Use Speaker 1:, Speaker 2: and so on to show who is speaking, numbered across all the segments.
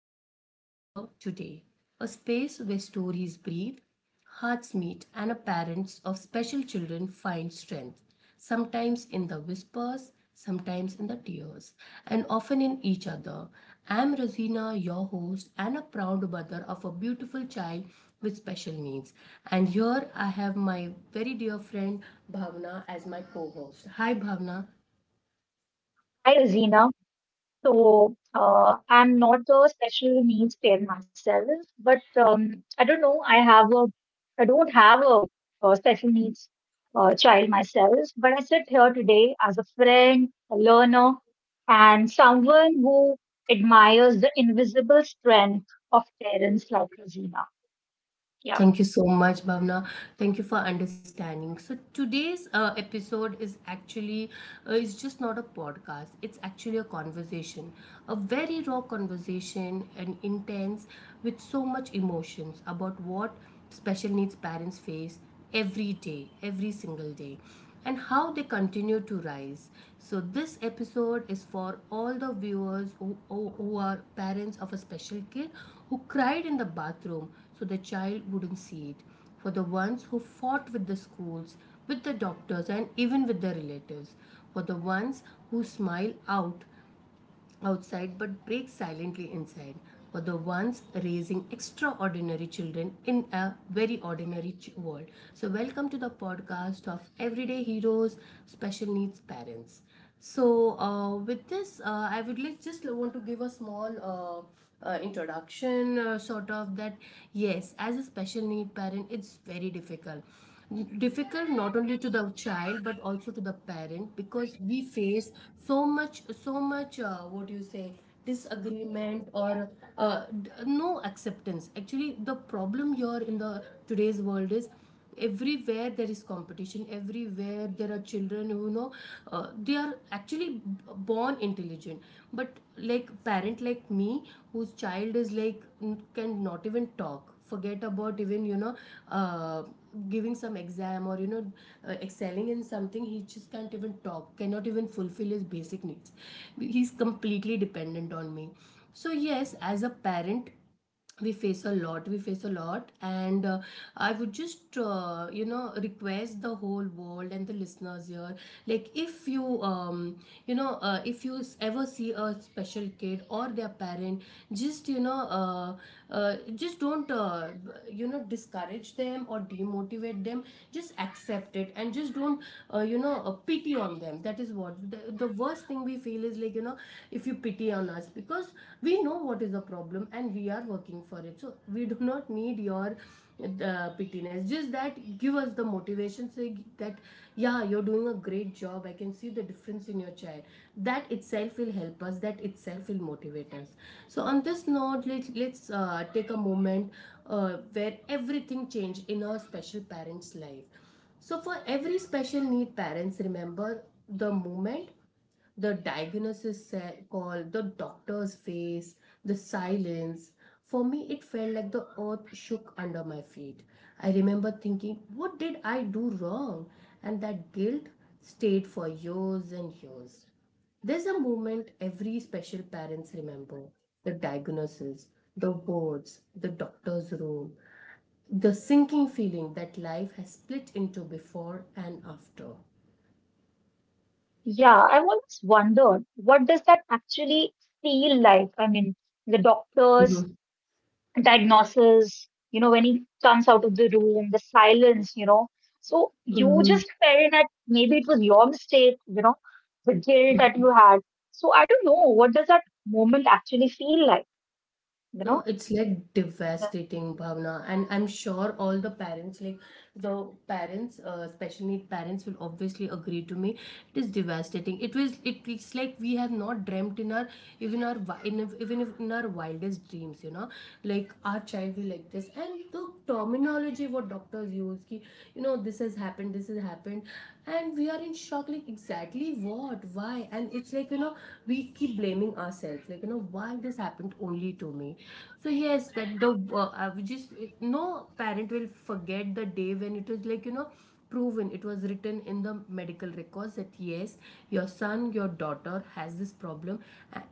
Speaker 1: to A Stronger Today, a space where stories breathe, hearts meet, and parents of special children find strength, sometimes in the whispers, sometimes in the tears, and often in each other. I am Rosina, your host, and a proud mother of a beautiful child with special needs. And here I have my very dear friend Bhavna as my co host. Hi Bhavna.
Speaker 2: Hi, Rosina. So I'm not a special needs parent myself, but I don't know. I don't have a special needs child myself, but I sit here today as a friend, a learner, and someone who admires the invisible strength of parents like Rosina. Yeah,
Speaker 1: Thank you so much, Bhavna. Thank you for understanding. So today's episode is actually it's just not a podcast. It's actually a conversation, a very raw conversation and intense with so much emotions about what special needs parents face every day, every single day, and how they continue to rise. So, this episode is for all the viewers who are parents of a special kid who cried in the bathroom so the child wouldn't see it, for the ones who fought with the schools, with the doctors, and even with the relatives, for the ones who smile out outside but break silently inside, for the ones raising extraordinary children in a very ordinary world. So, welcome to the podcast of Everyday Heroes Special Needs Parents. So, with this, I would like just want to give a small introduction, sort of, that yes, as a special need parent, it's very difficult. Difficult not only to the child but also to the parent because we face so much, so much. What do you say, disagreement or no acceptance. Actually, the problem here in the today's world is everywhere there is competition, everywhere there are children who know, they are actually born intelligent, but like parent like me whose child is like can not even talk, forget about even, you know, uh, giving some exam, or you know, excelling in something. He just can't even talk, cannot even fulfill his basic needs. He's completely dependent on me. So yes, as a parent, we face a lot, we face a lot. And I would just, you know, request the whole world and the listeners here, like if you you know, if you ever see a special kid or their parent, just you know, uh, just don't, you know, discourage them or demotivate them. Just accept it, and just don't, you know, pity on them. That is what the worst thing we feel is like, you know, if you pity on us, because we know what is the problem and we are working for it, so we do not need your pittiness. Just that give us the motivation. Say that yeah, you're doing a great job, I can see the difference in your child. That itself will help us, that itself will motivate us. So on this note, let's take a moment where everything changed in our special parents life. So for every special need parents, remember the moment, the call, the doctor's face, the silence. For me, it felt like the earth shook under my feet. I remember thinking, what did I do wrong? And that guilt stayed for years and years. There's a moment every special parents remember: the diagnosis, the words, the doctor's room, the sinking feeling that life has split into before and after.
Speaker 2: yeah. I've always wondered what does that actually feel like. I mean, the doctors diagnosis, you know, when he comes out of the room, the silence, you know. So you
Speaker 1: Mm-hmm.
Speaker 2: just felt that maybe it was your mistake, you know, the guilt that you had. So I don't know, what does that moment actually feel like, you
Speaker 1: No,
Speaker 2: know?
Speaker 1: it's like
Speaker 2: Yeah.
Speaker 1: devastating, Bhavna. And I'm sure all the parents, like the parents, special need parents, will obviously agree to me. It is devastating. It was. It's like we have not dreamt in our even our wi- in, if- even if in our wildest dreams. You know, like our child will like this, and the terminology what doctors use, ki, you know, this has happened, this has happened, and we are in shock, like exactly what, why. And it's like, you know, we keep blaming ourselves, like you know, why this happened only to me. So yes, that the I would just, no parent will forget the day when it was like, you know, proven, it was written in the medical records that yes, your son, your daughter has this problem. a-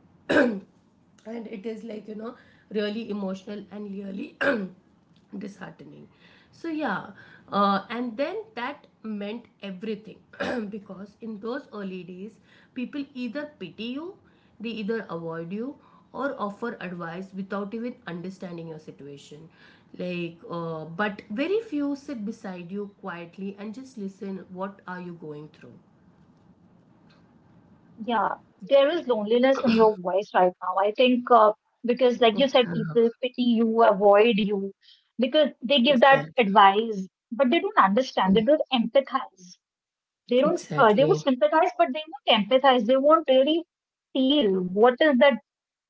Speaker 1: and it is like, you know, really emotional and really disheartening. So yeah, and then that meant everything because in those early days people either pity you, they either avoid you, or offer advice without even understanding your situation. Like but very few sit beside you quietly and just listen what are you going through.
Speaker 2: Yeah, there is loneliness in your voice right now. I think because, like you said, people pity you, avoid you, because they give that
Speaker 1: Exactly.
Speaker 2: advice, but they don't understand, they don't empathize. They don't. They would
Speaker 1: Exactly.
Speaker 2: sympathize, but they won't empathize. They won't really feel what is that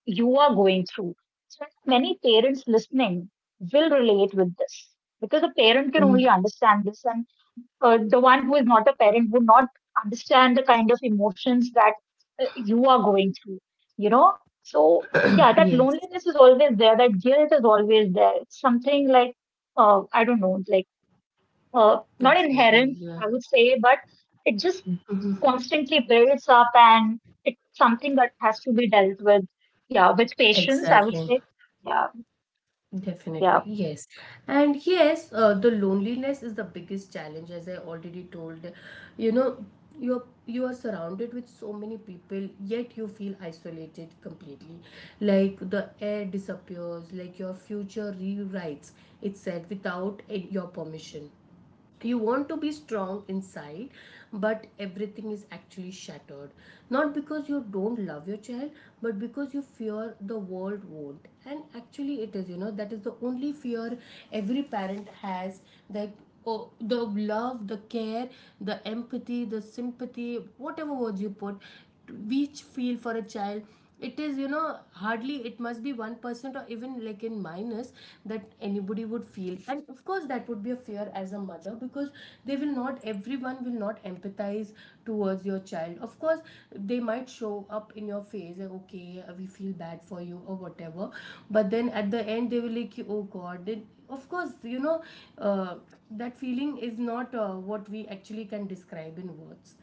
Speaker 2: you are going through. So I think many parents listening will relate with this because a parent can only
Speaker 1: Mm,
Speaker 2: understand this, and the one who is not a parent would not understand the kind of emotions that you are going through. You know, so yeah, that
Speaker 1: yes,
Speaker 2: loneliness is always there. That guilt is always there. It's something like I don't know, like not
Speaker 1: exactly,
Speaker 2: inherent,
Speaker 1: yeah.
Speaker 2: I would say, but it just
Speaker 1: Mm-hmm.
Speaker 2: constantly builds up and it's something that has to be dealt with. Yeah, with patience, I would
Speaker 1: Exactly.
Speaker 2: say. Yeah, yeah.
Speaker 1: Definitely. Yes. And yes, the loneliness is the biggest challenge, as I already told. You know, you are surrounded with so many people, yet you feel isolated completely. Like the air disappears, like your future rewrites itself without your permission. You want to be strong inside, but everything is actually shattered, not because you don't love your child, but because you fear the world won't. And actually it is, you know, that is the only fear every parent has, that oh, the love, the care, the empathy, the sympathy, whatever words you put, we feel for a child, it is, you know, hardly, it must be 1% or even like in minus, that anybody would feel. And of course that would be a fear as a mother, because they will not, everyone will not empathize towards your child. Of course they might show up in your face like, okay, we feel bad for you or whatever, but then at the end they will like, oh god, then of course, you know, uh, that feeling is not, what we actually can describe in words.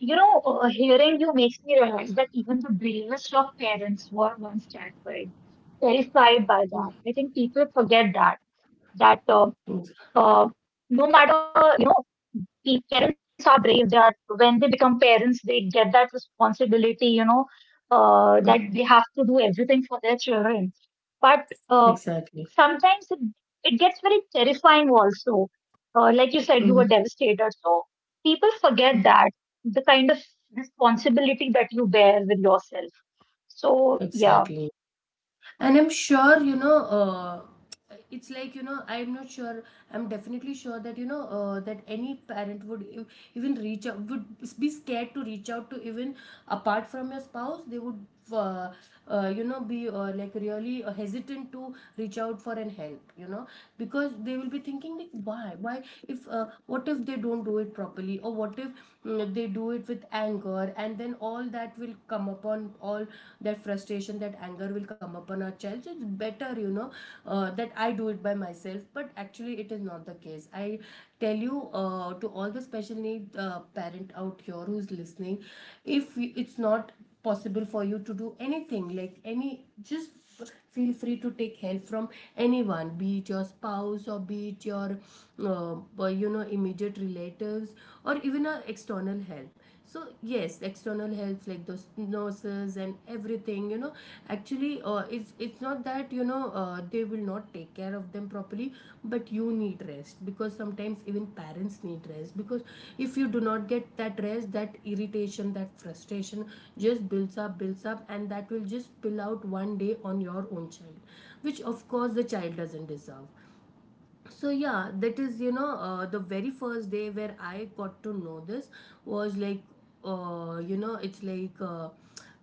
Speaker 2: You know, hearing you makes me realize that even the bravest of parents were once terrified, terrified by that. I think people forget that, that
Speaker 1: Mm,
Speaker 2: uh, no matter, you know, parents are brave that when they become parents they get that responsibility, you know, that they have to do everything for their children, but
Speaker 1: exactly.
Speaker 2: sometimes it gets very terrifying also, like you said, you were
Speaker 1: Mm,
Speaker 2: devastated, so people forget
Speaker 1: mm,
Speaker 2: that the kind of responsibility that you bear with yourself. So yeah.
Speaker 1: exactly. And I'm sure, you know, it's like, you know, I'm not sure I'm definitely sure that, you know, that any parent would even reach out, would be scared to reach out to even, apart from your spouse. They would, uh, you know, be like really hesitant to reach out for an help, you know. Because they will be thinking like, why if, what if they don't do it properly, or what if, they do it with anger, and then all that will come upon, all that frustration, that anger will come upon our child. So it's better, you know, that I do it by myself. But actually it is not the case, I tell you, to all the special need parent out here who's listening, if it's not possible for you to do anything, like any, just feel free to take help from anyone, be it your spouse or be it your you know, immediate relatives, or even a external help. So yes, external helps like those nurses and everything, you know, actually, it's not that, you know, they will not take care of them properly, but you need rest, because sometimes even parents need rest. Because if you do not get that rest, that irritation, that frustration just builds up, builds up, and that will just spill out one day on your own child, which of course the child doesn't deserve. So yeah, that is, you know, the very first day where I got to know this was like, you know, it's like,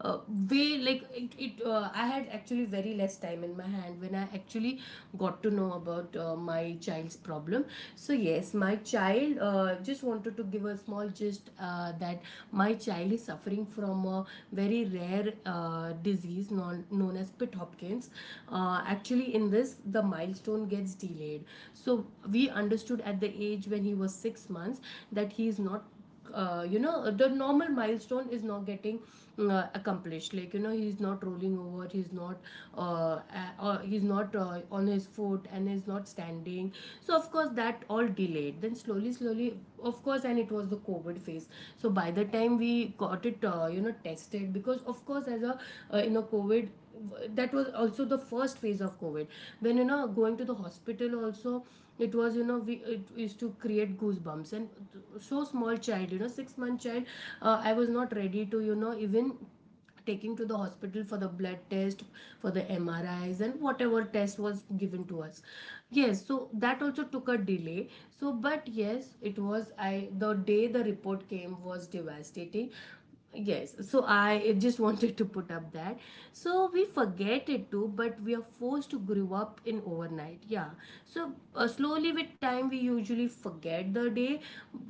Speaker 1: uh, way like, it I had actually very less time in my hand when I actually got to know about my child's problem. So yes, my child, just wanted to give a small gist, that my child is suffering from a very rare disease known as Pitt Hopkins. Actually, in this, the milestone gets delayed. So we understood at the age when he was 6 months that he is not, you know, the normal milestone is not getting accomplished. Like you know, he's not rolling over, he's not, uh, he's not, on his foot, and he's not standing. So of course that all delayed. Then slowly slowly, of course, and it was the covid phase. So by the time we got it, you know, tested, because of course, as a in a covid, that was also the first phase of covid, when, you know, going to the hospital also, it was, you know, we, it used to create goosebumps. And so small child, you know, 6-month child, I was not ready to, you know, even taking to the hospital for the blood test, for the MRIs and whatever test was given to us. Yes, so that also took a delay. So but yes, it was, I the day the report came was devastating. Yes, so I just wanted to put up that. So we forget it too, but we are forced to grow up in overnight. Yeah. So slowly with time, we usually forget the day.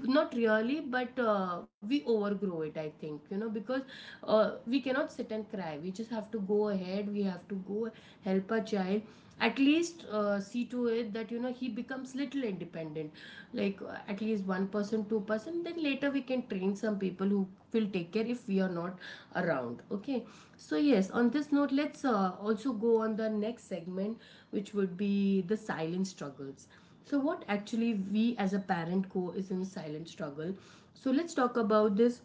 Speaker 1: Not really, but we overgrow it, I think, you know, because we cannot sit and cry. We just have to go ahead. We have to go help a child, at least see to it that you know he becomes little independent, like at least one person, two person, then later we can train some people who will take care if we are not around. Okay, so yes, on this note, let's also go on the next segment, which would be the silent struggles. So what actually we as a parent co is in silent struggle, so let's talk about this.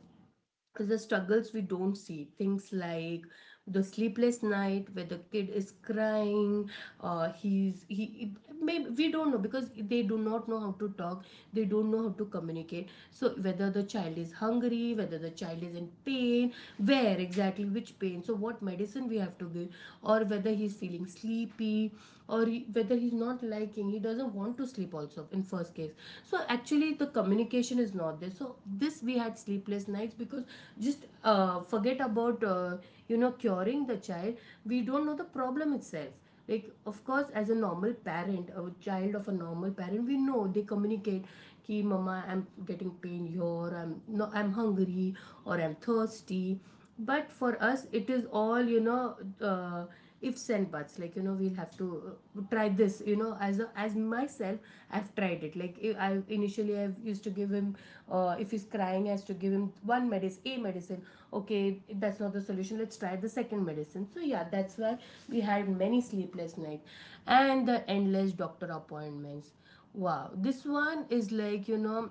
Speaker 1: The struggles we don't see, things like the sleepless night where the kid is crying, he's he maybe we don't know because they do not know how to talk, they don't know how to communicate. So whether the child is hungry, whether the child is in pain, where exactly, which pain, so what medicine we have to give, or whether he's feeling sleepy, or whether he's not liking, he doesn't want to sleep also in first case. So actually the communication is not there, so this we had sleepless nights because, just forget about you know, curing the child, we don't know the problem itself. Like, of course, as a normal parent, a child of a normal parent, we know they communicate, ki mama, I'm getting pain here, I'm no, I'm hungry, or I'm thirsty. But for us it is all, you know, uh, ifs and buts, like you know, we'll have to try this, you know. As myself, I've tried it, like, I initially I used to give him, if he's crying, I used to give him one medicine, a medicine. Okay, that's not the solution, let's try the second medicine. So yeah, that's why we had many sleepless night, and the endless doctor appointments. Wow, this one is like, you know,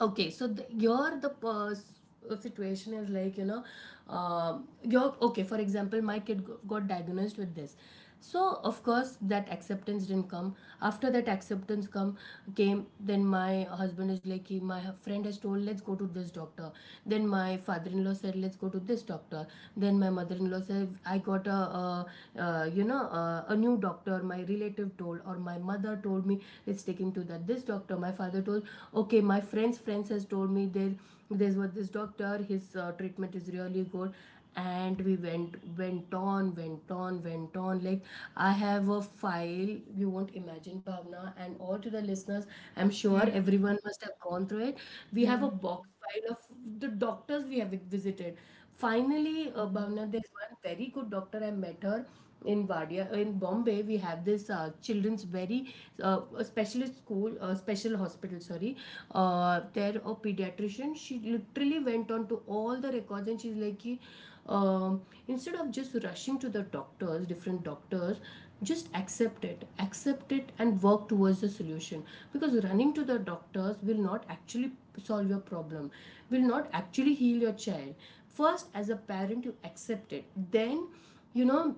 Speaker 1: okay, so the, your the pers- situation is like, you know, uh, your okay. For example, my got diagnosed with this, so of course that acceptance didn't come. After that acceptance come came, then my husband is like, "Ki, my friend has told, let's go to this doctor." Then my father-in-law said, let's go to this doctor. Then my mother-in-law said, I got a, you know, a new doctor. My relative told, or my mother told me, let's take him to that this doctor, my father told, okay, my friends has told me, there there's what this doctor, his treatment is really good. And we went, went on like, I have a file, you won't imagine, Bhavna, and all to the listeners, I'm sure everyone
Speaker 2: Mm,
Speaker 1: must have gone through it. We have a box
Speaker 2: mm,
Speaker 1: file of the doctors we have visited. Finally, Bhavna,
Speaker 2: mm.
Speaker 1: there's one very good doctor. I met her in Vadia, in Bombay. We have this children's very a specialist school, special hospital. Sorry, there a pediatrician. She literally went on to all the records, and she's like, "Ki, um, instead of just rushing to the doctors, different doctors, just accept it, and work towards the solution. Because running to the doctors will not actually solve your problem, will not actually heal your child. First, as a parent, you accept it, then, you know,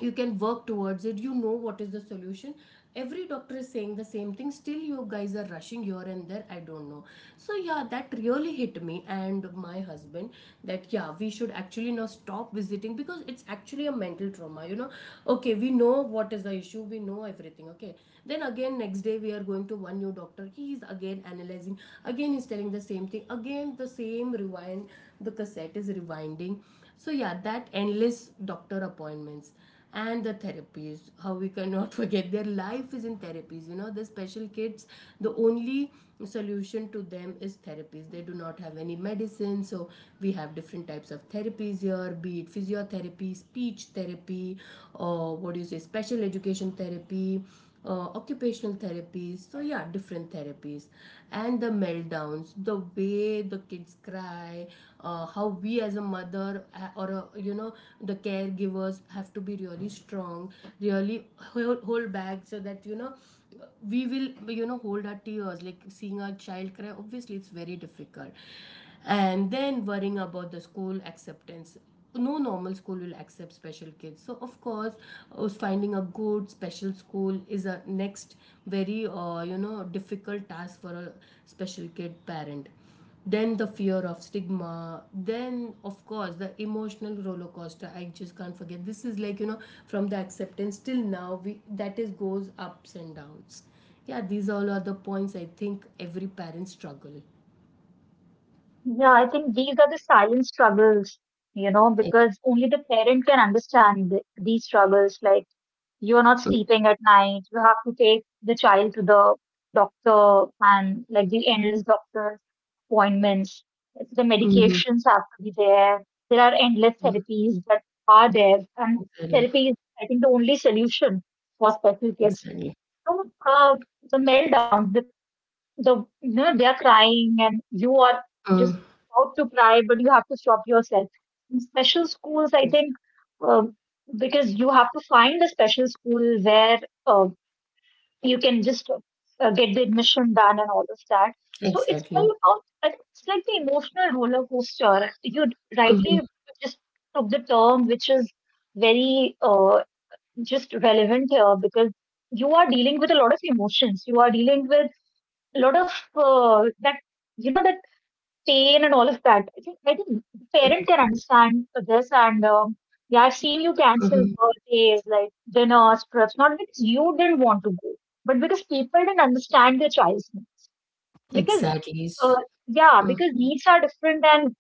Speaker 1: you can work towards it, you know what is the solution. Every doctor is saying the same thing, still you guys are rushing here and there, I don't know." So yeah, that really hit me and my husband, that yeah, we should actually now stop visiting, because it's actually a mental trauma, you know. Okay, we know what is the issue, we know everything. Okay, then again next day we are going to one new doctor, he is again analyzing, again he's telling the same thing, again the same rewind, the cassette is rewinding. So yeah, that endless doctor appointments, and the therapies, how we cannot forget, their life is in therapies, you know, the special kids, the only solution to them is therapies, they do not have any medicine. So we have different types of therapies here, be it physiotherapy, speech therapy, or what do you say, special education therapy, occupational therapies. So yeah, different therapies. And the meltdowns, the way the kids cry, how we as a mother, or a, you know, the caregivers have to be really strong, really hold back so that, you know, we will, you know, hold our tears, like seeing our child cry obviously it's very difficult. And then worrying about the school acceptance, no normal school will accept special kids, so of course finding a good special school is a next very you know difficult task for a special kid parent. Then the fear of stigma, then of course the emotional roller coaster, I just can't forget, this is like, you know, from the acceptance till now, we that is goes ups and downs. Yeah, these all are the points, I think every parent struggle.
Speaker 2: Yeah, I think these are the silent struggles, you know,
Speaker 1: Yes.
Speaker 2: because only the parent can understand these struggles. Like, you are not sleeping at night, you have to take the child to the doctor, and like the endless doctor appointments, the
Speaker 1: Mhm.
Speaker 2: medications have to be there. There are endless
Speaker 1: Mm,
Speaker 2: therapies that are there, and
Speaker 1: exactly,
Speaker 2: therapy is, I think, the only solution for special kids.
Speaker 1: exactly.
Speaker 2: So, the meltdowns, the you know they're crying and you are just
Speaker 1: Mm,
Speaker 2: about to cry but you have to stop yourself in special schools. I think
Speaker 1: ex-
Speaker 2: um, because you have to find a special school where uh, you can just get the admission done and all of that. So it's all
Speaker 1: exactly.
Speaker 2: about, I think, it's like the emotional roller coaster you
Speaker 1: Mm-hmm,
Speaker 2: rightly just took the term, which is very, just relevant here because you are dealing with a lot of emotions, you are dealing with a lot of that, you know, that pain and all of that. I think, the parent
Speaker 1: correct.
Speaker 2: can understand this, and yeah, I've seen you cancel
Speaker 1: Mm-hmm,
Speaker 2: birthdays, like dinners, trips, not because you didn't want to go, but because people didn't understand their child's needs. Because
Speaker 1: exactly.
Speaker 2: uh, yeah,
Speaker 1: Mm,
Speaker 2: because needs are different, and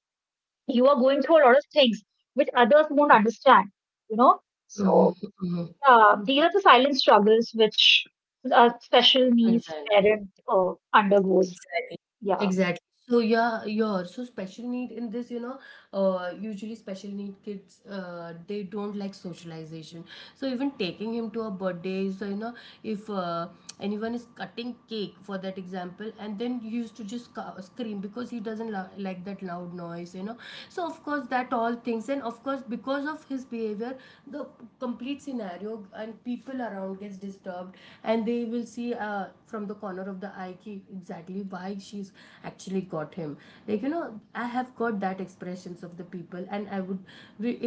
Speaker 2: you are going through a lot of things which others won't understand. You know,
Speaker 1: mm-hmm,
Speaker 2: so
Speaker 1: mm-hmm,
Speaker 2: yeah, these are the silent struggles which a special needs
Speaker 1: exactly,
Speaker 2: parent undergoes.
Speaker 1: exactly,
Speaker 2: Yeah.
Speaker 1: exactly. So yeah, yeah. So special need in this, you know, usually special need kids, they don't like socialization. So even taking him to a birthday, so you know, if anyone is cutting cake for that example, and then he used to just scream because he doesn't lo- like that loud noise, you know. So of course that all things, and of course because of his behavior, the complete scenario and people around gets disturbed, and they will see from the corner of the eye, ki exactly, why she's actually got him, like you know, I have got that expressions of the people. And I would,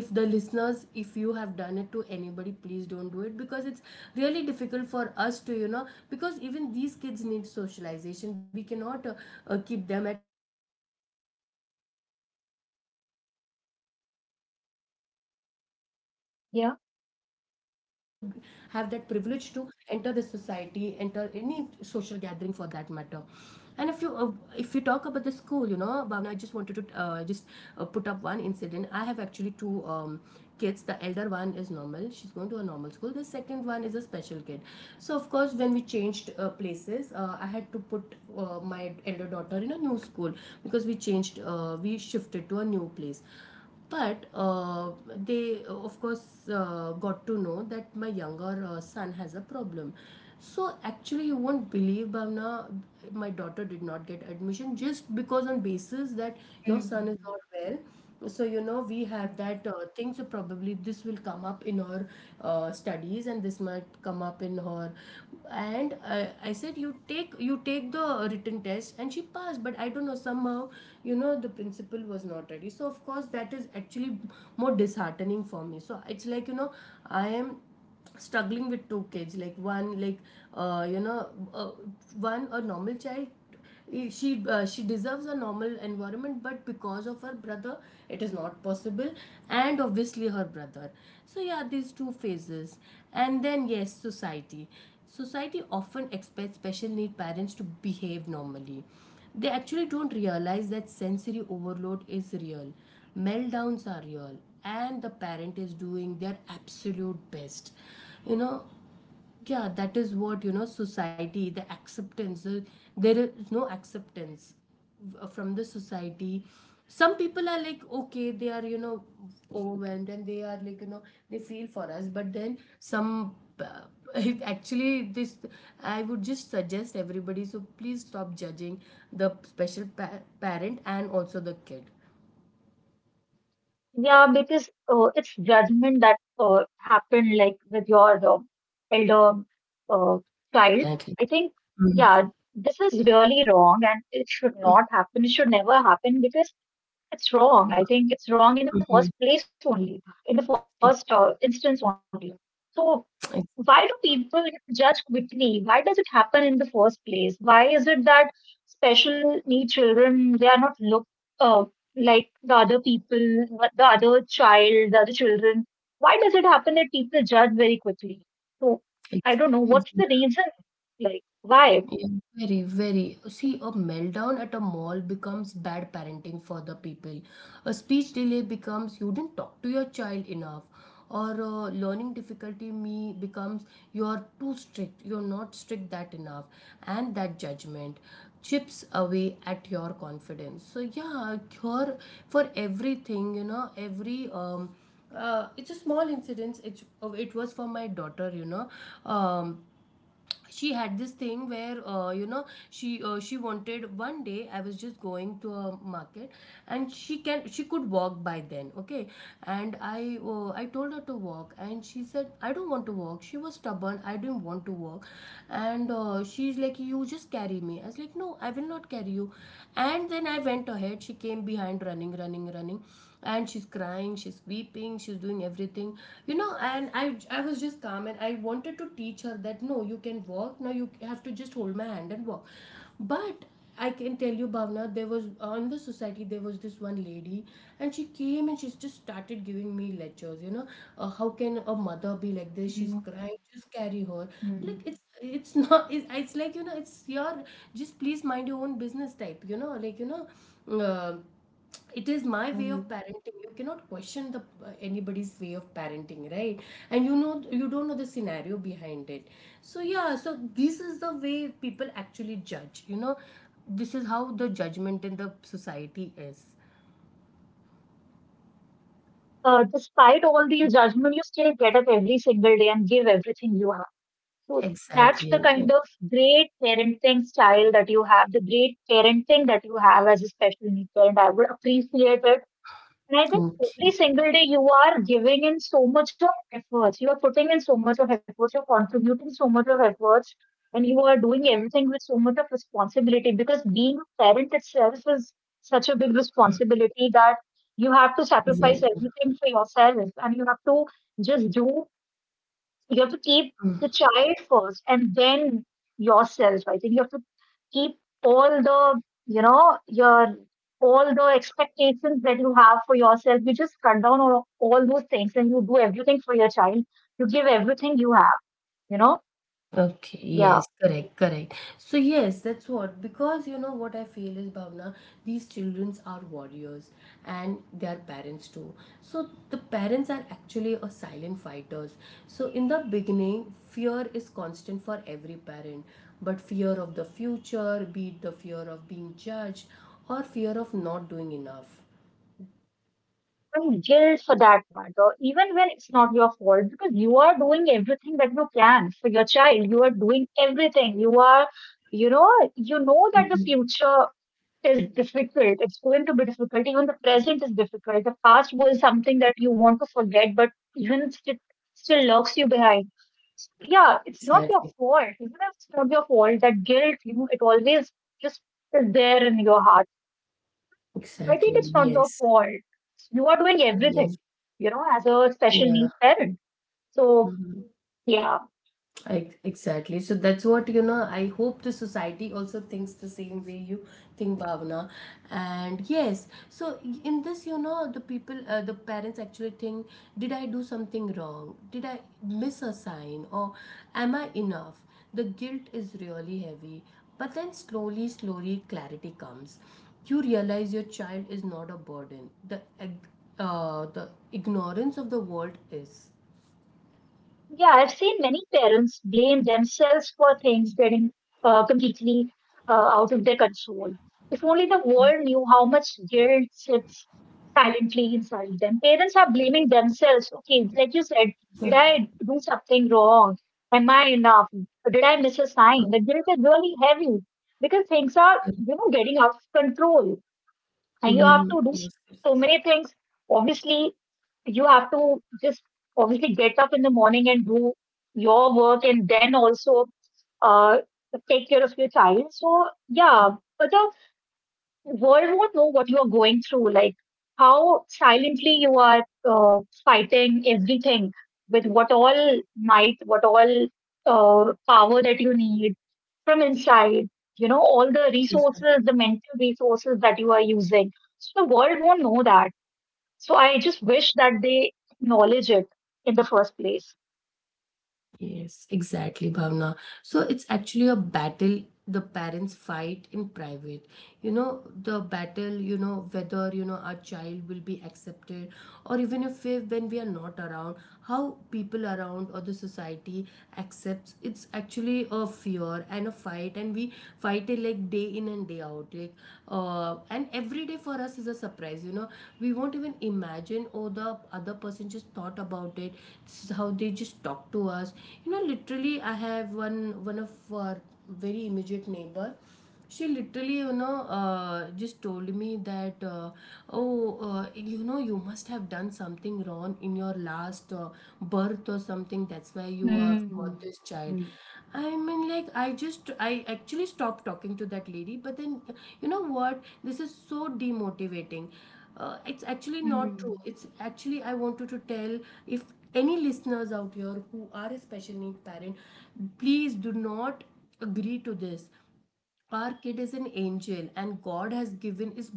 Speaker 1: if the listeners, if you have done it to anybody, please don't do it, because it's really difficult for us to, you know, because even these kids need socialization, we cannot keep them at home, and you know, they also should have, they also are privileged, you know, they should have that
Speaker 2: Yeah.
Speaker 1: privilege to enter the society, enter any social gathering for that matter. And if you talk about the school, you know, Bhavna, I just wanted to just put up one incident. I have actually two kids. The elder one is normal, she's going to a normal school. The second one is a special kid. So of course, when we changed places, I had to put my elder daughter in a new school, because we changed, we shifted to a new place. But they, of course, got to know that my younger son has a problem. So actually, you won't believe, Bhavna, my daughter did not get admission, just because on basis that your
Speaker 2: Mm.
Speaker 1: son is not well. So you know, we
Speaker 2: Mm.
Speaker 1: have that thing. So probably this will come up in her studies, and this might come up in her. And I said, you take the written test, and she passed, but I don't know somehow, you know, the principal was not ready. So of course that is actually more disheartening for me. So it's like, you know, I am struggling with two kids, like one like, you know, one a normal child, she deserves a normal environment, but because of her brother it is not possible, and obviously her brother. So yeah, these two phases. And then yes, society, society often expects special need parents to behave normally, they actually don't realize that sensory overload is real, meltdowns are real, and the parent is doing their absolute best, you know. Yeah, that is what, you know, society, the acceptance, there is no acceptance from the society. Some people are like, okay, they are, you know, overwhelmed, and they are like, you know, they feel for us, but then some uh, actually this, I would just suggest everybody, so please stop judging the parent and also the kid.
Speaker 2: Yeah, because it's judgment that happened like with your elder uh, child.
Speaker 1: Exactly.
Speaker 2: I think,
Speaker 1: Mhm,
Speaker 2: yeah, this is really wrong and it should not happen. It should never happen because it's wrong. I think it's wrong in the
Speaker 1: mhm.
Speaker 2: first place only, in the
Speaker 1: Ex-
Speaker 2: first instance only. So
Speaker 1: ex-
Speaker 2: why do people judge quickly? Why does it happen in the first place? Why is it that special need children they are not looked, uh, like the other people, the other child, the other children? Why does it happen that people judge very quickly? So I don't know
Speaker 1: ex-
Speaker 2: what's the reason.
Speaker 1: yeah.
Speaker 2: Like why?
Speaker 1: Yeah, very, very. See, a meltdown at a mall becomes bad parenting for the people. A speech delay becomes, you didn't talk to your child enough. Or learning difficulty me becomes, you're too strict, you're not strict that enough. And that judgment chips away at your confidence. So yeah, cure for everything, you know, every. It's a small incident. It was for my daughter, you know. Um, she had this thing where you know she wanted one day I was just going to a market, and she could walk by then. Okay. And I told her to walk, and she said, "I don't want to walk." She was stubborn. I didn't want to walk. And she's like, "You just carry me." I was like, "No, I will not carry you." And then I went ahead, she came behind, running, running, running, and she's crying, she's weeping, she's doing everything. And I was just calm, and I wanted to teach her that, "No, you can walk now. You have to just hold my hand and walk." But I can tell you, Bhavna, there was on the society there was this one lady, and she came, and she just started giving me lectures. "How can a mother be like this? She's
Speaker 2: Mm,
Speaker 1: crying. Just carry her."
Speaker 2: mm,
Speaker 1: Like, it's not. It's like, you know, it's your just please mind your own business type. Like, it is my way
Speaker 2: mm.
Speaker 1: of parenting. You cannot question the anybody's way of parenting, right? And you don't know the scenario behind it. So, yeah, so this is the way people actually judge, you know. This is how the judgment in the society is.
Speaker 2: Despite all these judgment, you still get up every single day and give everything you have. So that's the
Speaker 1: Exactly.
Speaker 2: kind
Speaker 1: Yeah.
Speaker 2: of great parenting style that you have, the great parenting that you have as a special needs parent. I would appreciate it. And I think
Speaker 1: Thank
Speaker 2: every
Speaker 1: you.
Speaker 2: single day you are giving in so much of efforts. You are putting in so much of efforts. You're contributing so much of efforts. And you are doing everything with so much of responsibility because being a parent itself is such a big responsibility that you have to sacrifice
Speaker 1: Exactly.
Speaker 2: everything for yourself and you have to just do, you have to keep the child first and then yourself. I think you have to keep all the, you know, your all the expectations that you have for yourself. You just cut down all those things and you do everything for your child. You give everything you have, you know?
Speaker 1: Okay, yes,
Speaker 2: Yeah.
Speaker 1: correct, correct. So yes, that's what, because you know what I feel is, Bhavna, these childrens are warriors, and their parents too. So the parents are actually a silent fighters. So in the beginning, fear is constant for every parent, but fear of the future, be it the fear of being judged or fear of not doing enough.
Speaker 2: And guilt for that matter, even when it's not your fault, because you are doing everything that you can for your child. You are doing everything. You are, you know, you know that the
Speaker 1: Mhm.
Speaker 2: future is difficult. It's going to be difficult. Even the present is difficult. The past was something that you want to forget, but even it still locks you behind. Yeah, it's not your
Speaker 1: Exactly.
Speaker 2: fault. Even if it's not your fault, that guilt, you know, it always just is there in your heart. I think
Speaker 1: Exactly.
Speaker 2: it's not your
Speaker 1: Yes.
Speaker 2: fault. You are doing
Speaker 1: Yes.
Speaker 2: everything, you know, as a special
Speaker 1: Yeah.
Speaker 2: needs parent. So,
Speaker 1: Mhm.
Speaker 2: yeah.
Speaker 1: Exactly. So that's what, I hope the society also thinks the same way you think, Bhavna. And yes, so in this, the parents actually think, "Did I do something wrong? Did I miss a sign? Or am I enough?" The guilt is really heavy. But then slowly, slowly, clarity comes. You realize your child is not a burden. The ignorance of the world is.
Speaker 2: Yeah, I've seen many parents blame themselves for things getting completely out of their control. If only the world knew how much guilt sits silently inside them. Parents are blaming themselves. Okay, like you said, did I do something wrong? Am I enough? Did I miss a sign? The guilt is really heavy because things are, you know, getting out of control, and you have
Speaker 1: Mhm.
Speaker 2: to do
Speaker 1: Yes,
Speaker 2: so
Speaker 1: yes,
Speaker 2: many things. Obviously, you have to just obviously get up in the morning and do your work, and then also uh, take care of your child. So yeah, but the world won't know what you are going through, like how silently you are uh, fighting everything with what all might, what all power that you need from inside, you know, all the resources, the mental resources that you are using. So the world won't know that. So I just wish that they acknowledge it in the first place.
Speaker 1: yes, exactly, Bhavna. So it's actually a battle, the parents fight in private. The battle, whether, our child will be accepted, or even if we, when we are not around, how people around or the society accepts. It's actually a fear and a fight, and we fight it like day in and day out. Like, and every day for us is a surprise. We won't even imagine, "Oh, the other person just thought about it. This is how they just talk to us. Literally, I have one of our very immediate neighbor. She literally, just told me that, "Oh, uh, you must have done something wrong in your last birth or something. That's why you have
Speaker 2: Hmm.
Speaker 1: got this child."
Speaker 2: Hmm.
Speaker 1: I mean, like, I actually stopped talking to that lady, but then, you know what? This is so demotivating. It's actually not true.
Speaker 2: Hmm.
Speaker 1: It's actually, I wanted to tell, if any listeners out here who are a special needs parent, please do not agree to this. Our kid is an angel, and God has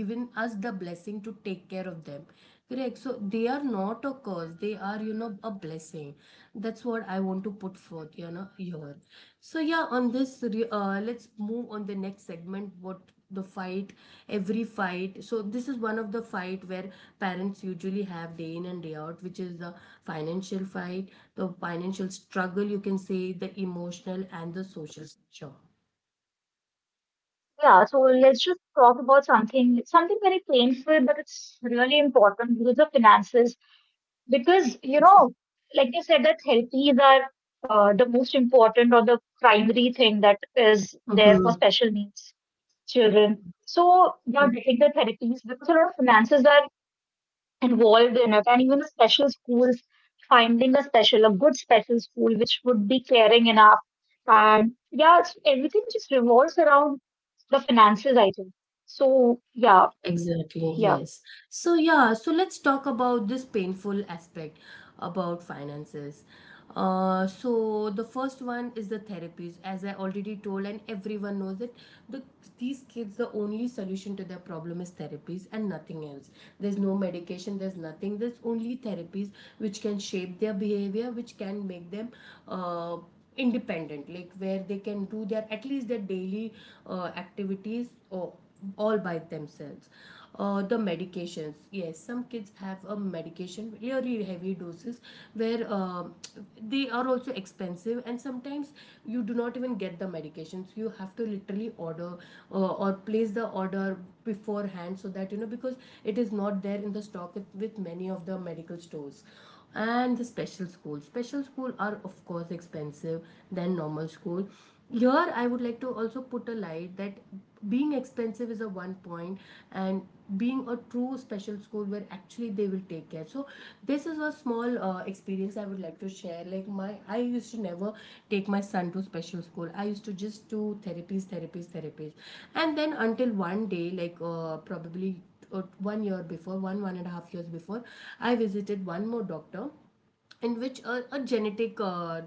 Speaker 1: given us the blessing to take care of them. Correct. So they are not a curse, they are, a blessing. That's what I want to put forth, here. So, yeah, on this let's move on the next segment, what the fight every fight so this is one of the fight where parents usually have day in and day out, which is the financial fight, the financial struggle, you can say, the emotional and the social. Sure.
Speaker 2: Yeah, so let's just talk about something, something very painful, but it's really important, which is the finances. Because, you know, like you said, that therapies are the most important or the primary thing that is there for
Speaker 1: Mhm.
Speaker 2: special needs children. So they are
Speaker 1: Mm.
Speaker 2: getting the therapies because a lot of finances are involved in it, and even the special schools, finding a special, a good special school which would be caring enough, and yeah, it's everything just revolves around the finances, I think. So yeah,
Speaker 1: Exactly,
Speaker 2: yeah.
Speaker 1: yes. So, yeah, so let's talk about this painful aspect about finances. So the first one is the therapies, as I already told, and everyone knows it. The these kids, the only solution to their problem is therapies and nothing else. There's no medication, there's nothing. There's only therapies, which can shape their behavior, which can make them uh, independent, like where they can do their at least their daily activities or all by themselves. The medications, yes, some kids have a medication, really heavy doses, where they are also expensive, and sometimes you do not even get the medications. You have to literally order or place the order beforehand, so that you know, because it is not there in the stock with many of the medical stores. And the special school are of course expensive than normal school. Here I would like to also put a light that being expensive is a one point, and being a true special school where actually they will take care. So this is a small experience I would like to share. Like, my I used to never take my son to special school. I used to just do therapies, therapies, therapies. And then, until one day, like, probably one year before, 1.5 years before, I visited one more doctor, in which a genetic uh,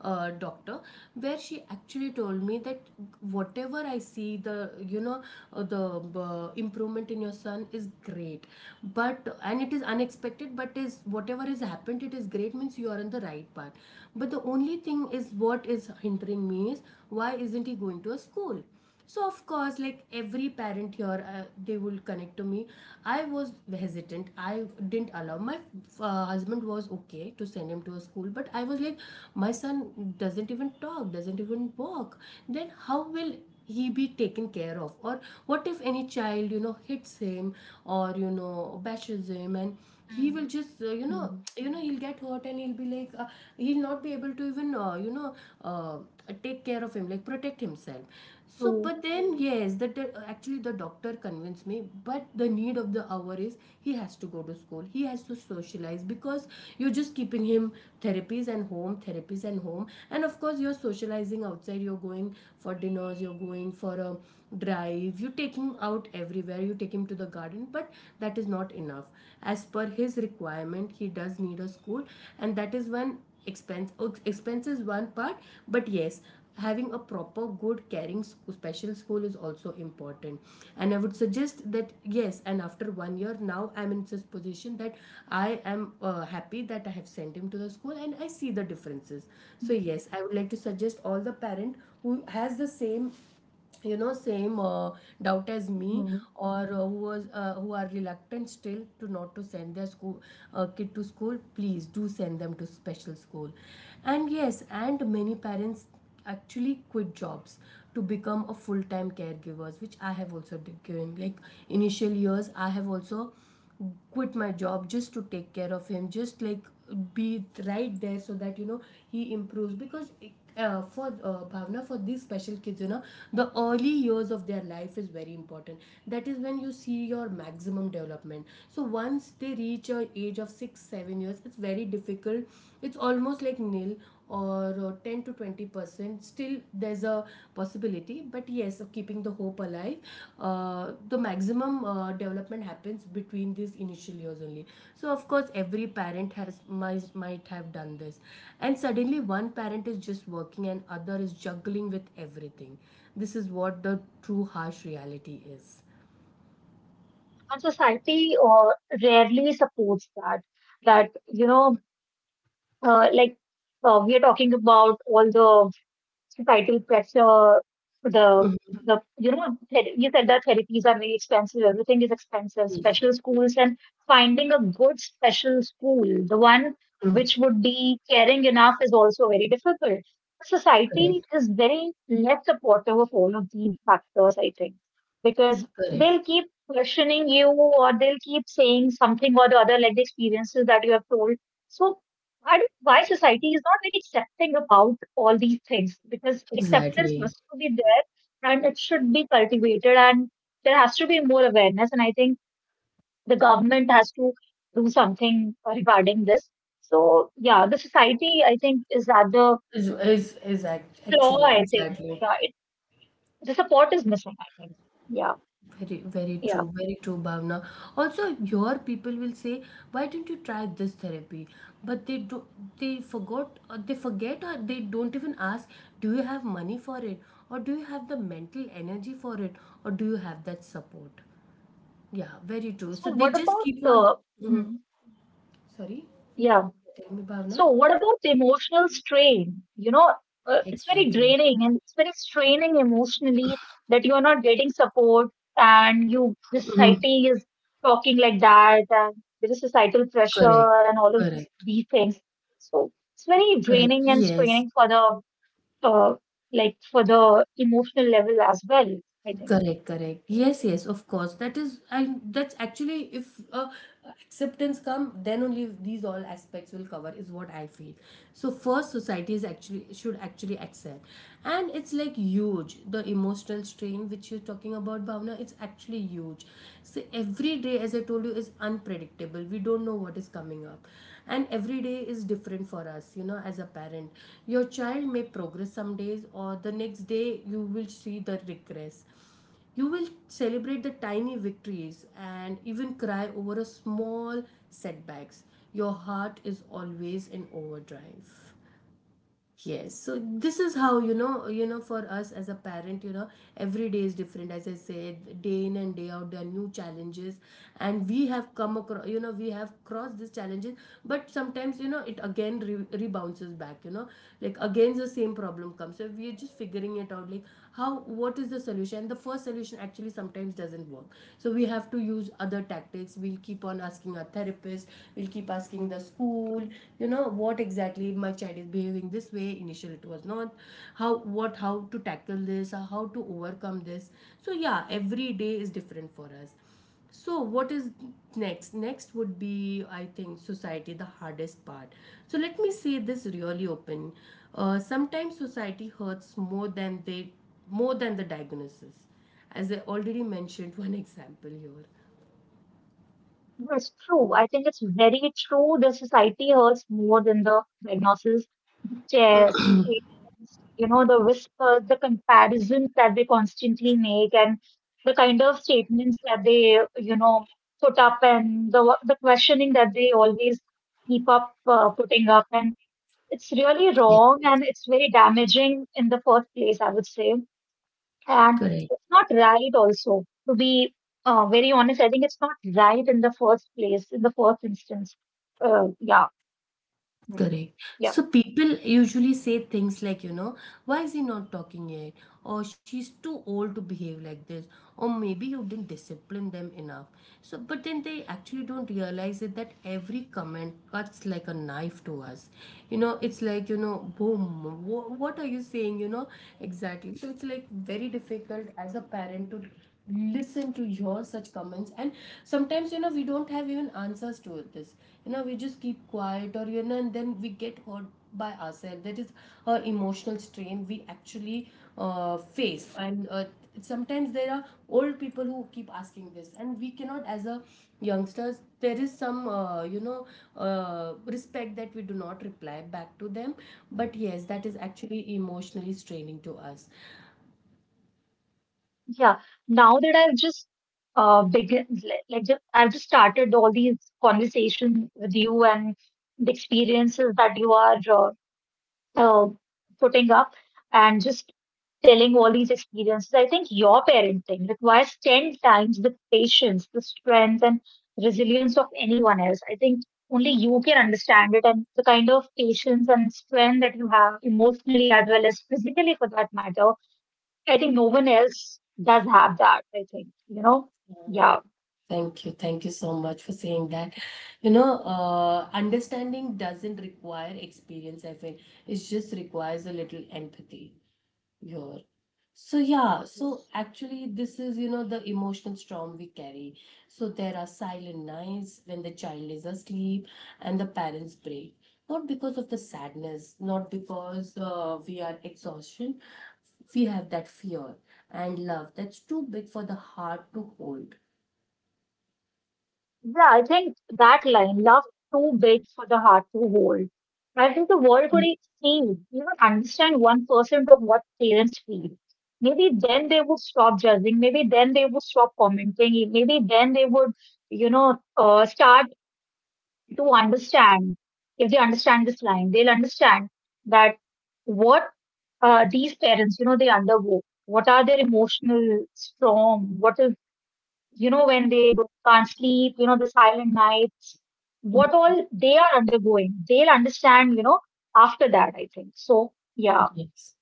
Speaker 1: uh, doctor, where she actually told me that whatever I see, you know the improvement in your son is great, but, and it is unexpected, but is, whatever has happened, it is great, means you are on the right path. But the only thing is, what is hindering me is, why isn't he going to a school? So, of course, like every parent here, they will connect to me. I was hesitant, I didn't allow my husband was okay to send him to a school, but I was like, my son doesn't even talk, doesn't even walk. Then how will he be taken care of? Or what if any child hits him or bashes him, and he will
Speaker 2: Mm,
Speaker 1: just
Speaker 2: mm.
Speaker 1: he'll get hurt, and he'll not be able to even, uh, take care of him, like protect himself. So,
Speaker 2: So
Speaker 1: but then yes, actually the doctor convinced me, but the need of the hour is he has to go to school, he has to socialize, because you're just keeping him therapies and home, therapies and home. And of course, you're socializing outside, you're going for dinners, you're going for a drive, you take him out everywhere, you take him to the garden, but that is not enough. As per his requirement, he does need a school, and that is one expense. Oh, expense is one part, but yes, having a proper, good, caring special school is also important. And I would suggest that, yes, and after one year now I'm in this position that I am happy that I have sent him to the school, and I see the differences. So yes,
Speaker 2: mm.
Speaker 1: I would like to suggest all the parent who has the same you know same doubt as me,
Speaker 2: Hmm.
Speaker 1: or who are reluctant still to not to send their school kid to school. Please do send them to special school. And yes, and many parents actually quit jobs to become a full time caregivers, which I have also given. Like, initial years I have also quit my job just to take care of him, just like be right there so that he improves. Because for Bhavna, for these special kids, you know, the early years of their life is very important. That is when you see your maximum development. So once they reach a age of 6, 7 years, it's very difficult. It's almost like nil, or 10 to 20%, still there's a possibility, but yes, keeping the hope alive. The maximum development happens between these initial years only. So, of course, every parent might have done this, and suddenly one parent is just working and other is juggling with everything. This is what the true harsh reality is.
Speaker 2: And society rarely supports that. That, you know, like we are talking about all the societal pressure, the the you know you said that therapies are very expensive. Everything is expensive. Special schools and finding a good special school, the one
Speaker 1: Mm.
Speaker 2: which would be caring enough, is also very difficult. Society
Speaker 1: Correct,
Speaker 2: is very less supportive of all of these factors, I think, because
Speaker 1: correct.
Speaker 2: they'll keep questioning you or they'll keep saying something or the other, like the experiences that you have told. So I don't know why society is not very accepting about all these things because acceptance
Speaker 1: Exactly.
Speaker 2: has to be there and it should be cultivated and there has to be more awareness and I think the government has to do something regarding this. So yeah, the society I think is at the
Speaker 1: is is is act,
Speaker 2: flaw.
Speaker 1: actually
Speaker 2: I think
Speaker 1: exactly.
Speaker 2: yeah, it, the support is missing. I think yeah,
Speaker 1: Very,
Speaker 2: yeah.
Speaker 1: very true, Bhavna. Also, your people will say, "Why didn't you try this therapy?" But they do, they forgot, or they forget, or they don't even ask, "Do you have money for it, or do you have the mental energy for it, or do you have that support?" Yeah, very true.
Speaker 2: So
Speaker 1: So they
Speaker 2: what
Speaker 1: just
Speaker 2: about
Speaker 1: keep on.
Speaker 2: the
Speaker 1: Mhm.
Speaker 2: mm,
Speaker 1: Sorry,
Speaker 2: yeah?
Speaker 1: tell me, Bhavna.
Speaker 2: So, what about emotional strain? You know, it's very
Speaker 1: Exactly.
Speaker 2: draining and it's very straining emotionally that you are not getting support and you, the
Speaker 1: Mhm.
Speaker 2: society is talking like that and there is societal
Speaker 1: Correct,
Speaker 2: pressure and all of
Speaker 1: correct,
Speaker 2: these things. So, it's very
Speaker 1: correct.
Speaker 2: draining and
Speaker 1: Yes,
Speaker 2: straining for the, uh, like for the emotional level as well, I think.
Speaker 1: correct, correct. Yes, yes, of course. That is, and that's actually, if acceptance come, then only these all aspects will cover, is what I feel. So, first, society is actually should actually accept, and it's like huge. The emotional strain which you're talking about, Bhavna, it's actually huge. So every day, as I told you, is unpredictable. We don't know what is coming up, and every day is different for us, as a parent. Your child may progress some days, or the next day you will see the regress. You will celebrate the tiny victories and even cry over a small setbacks. Your heart is always in overdrive. Yes, so this is how, for us as a parent, every day is different. As I said, day in and day out, there are new challenges, and we have come across, we have crossed these challenges, but sometimes, it again rebounces back, like again the same problem comes. So we are just figuring it out, like how what is the solution. The first solution actually sometimes doesn't work, so we have to use other tactics. We'll keep on asking our therapist, we'll keep asking the school, what exactly my child is behaving this way. Initially it was not how to tackle this or how to overcome this. So yeah, every day is different for us. So what is next? Next would be, I think, society, the hardest part. So let me say this really open. Sometimes society hurts more than the diagnosis, as I already mentioned. One example here.
Speaker 2: That's true. I think it's very true. The society hurts more than the diagnosis, the chairs, the statements, you know, the whispers, the comparisons that they constantly make, and the kind of statements that they, you know, put up, and the questioning that they always keep up putting up, and it's really
Speaker 1: Yeah,
Speaker 2: wrong, and it's very damaging in the first place, I would say. And
Speaker 1: correct.
Speaker 2: it's not right also, to be very honest. I think it's not right in the first place, in the first instance. Uh, yeah, mm,
Speaker 1: Correct.
Speaker 2: yeah,
Speaker 1: So people usually say things like, why is he not talking yet? Or she's too old to behave like this. Or maybe you didn't discipline them enough. So, but then they actually don't realize it that every comment cuts like a knife to us. You know, it's like, boom, what are you saying? You know, exactly. So it's like very difficult as a parent to listen to your such comments, and sometimes we don't have even answers to this. We just keep quiet, or and then we get hurt by ourselves. That is a emotional strain we actually face. And sometimes there are old people who keep asking this, and we cannot, as a youngsters, there is some, respect that we do not reply back to them. But yes, that is actually emotionally straining to us.
Speaker 2: yeah. Now that I've just begun, like I've just started all these conversations with you and the experiences that you are uh, putting up and just telling all these experiences, I think your parenting requires 10 times the patience, the strength, and resilience of anyone else. I think only you can understand it, and the kind of patience and strength that you have emotionally as well as physically for that matter, I think no one else does have that. I think, you know, yeah,
Speaker 1: Thank you. Thank you so much for saying that. You know, understanding doesn't require experience, I think. It just requires a little empathy here. So, yeah, so
Speaker 2: yes.
Speaker 1: actually, this is, the emotional storm we carry. So, there are silent nights when the child is asleep and the parents break. Not because of the sadness, not because we are exhaustion. We have that fear and love that's too big for the heart to hold.
Speaker 2: Yeah, I think that line, love too big for the heart to hold. I think the world could see, even understand 1% of what parents feel. Maybe then they would stop judging. Maybe then they would stop commenting. Maybe then they would, start to understand. If they understand this line, they'll understand that what these parents, you know, they undergo. What are their emotional storm? What is, you know, when they do, can't sleep, you know, the silent nights, what all they are undergoing, they'll understand, you know, after that, I think. So, yeah.
Speaker 1: Yes.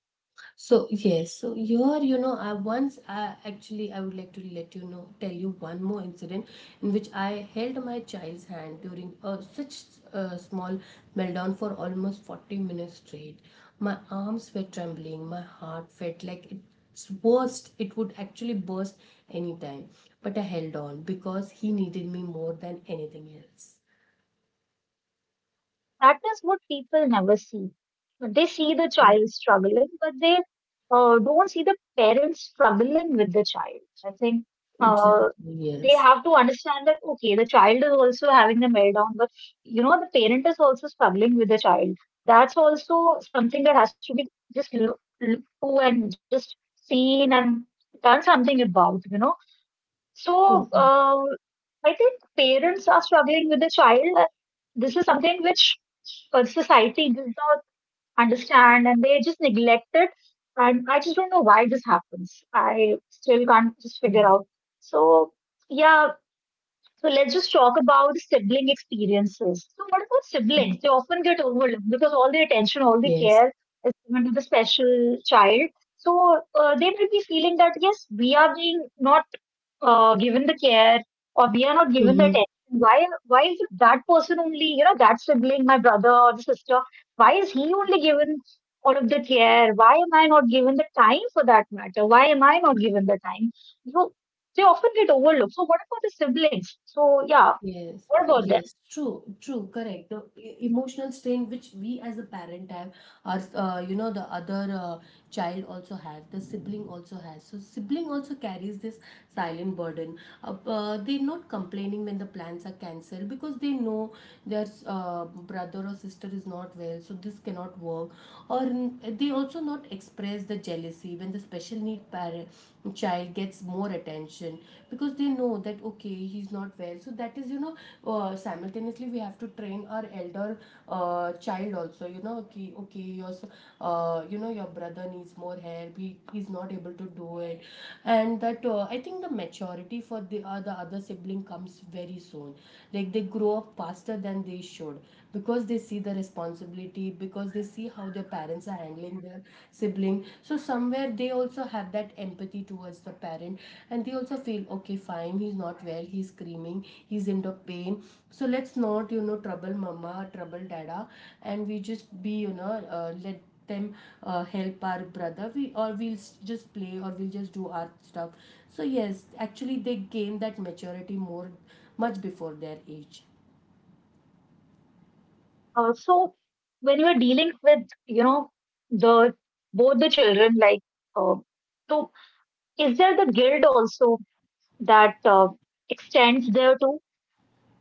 Speaker 1: So yes, so here I actually I would like to let you know tell you one more incident in which I held my child's hand during a such a small meltdown for almost 40 minutes straight. My arms were trembling, my heart felt like it would actually burst anytime. But I held on because he needed me more than anything else.
Speaker 2: That is what people never see. They see the
Speaker 1: Mm.
Speaker 2: child struggling, but they don't see the parents struggling with the child. I think
Speaker 1: Exactly,
Speaker 2: uh, they
Speaker 1: yes.
Speaker 2: have to understand that, okay, the child is also having a meltdown, but you know, the parent is also struggling with the child. That's also something that has to be just looked to and just seen and done something about, you know. So
Speaker 1: Mhm,
Speaker 2: I think parents are struggling with the child. This is something which society does not understand, and they just neglect it. And I just don't know why this happens. I still can't just figure
Speaker 1: mhm,
Speaker 2: out. So, yeah, so let's just talk about sibling experiences. So, what about
Speaker 1: mhm.
Speaker 2: siblings? They often get overlooked because all the attention, all the
Speaker 1: Yes.
Speaker 2: care is given to the special child. So, they may be feeling that, yes, we are being not given the care, or we are not given the attention. Why is it that person only, you know, that sibling, my brother or the sister, why is he only given all of the care? Why am I not given the time, for that matter? Why am I not given the time? So they often get overlooked. So what about the siblings? So yeah,
Speaker 1: Yes,
Speaker 2: what about them?
Speaker 1: yes, true, true, correct. The emotional strain which we as a parent have, or the other child also has, the sibling also has. So sibling also carries this silent burden. They're not complaining when the plans are cancelled because they know their brother or sister is not well, so this cannot work. Or they also not express the jealousy when the special need parent child gets more attention, because they know that okay, he's not well, so that is, simultaneously we have to train our elder child also. You know, okay, okay your s- you know your brother needs more help. He's not able to do it. And that, I think the maturity for the other sibling comes very soon, like they grow up faster than they should, because they see the responsibility, because they see how their parents are handling their sibling. So somewhere they also have that empathy towards the parent, and they also feel okay, fine, he's not well, he's screaming, he's in the pain. So let's not trouble mama, trouble dada, and we just be, let them help our brother. We, or we'll just play, or we'll just do our stuff. So yes, actually they gain that maturity more, much before their age.
Speaker 2: So when you are dealing with, you know, the both the children, like, uh, so is there the guilt also that extends there too?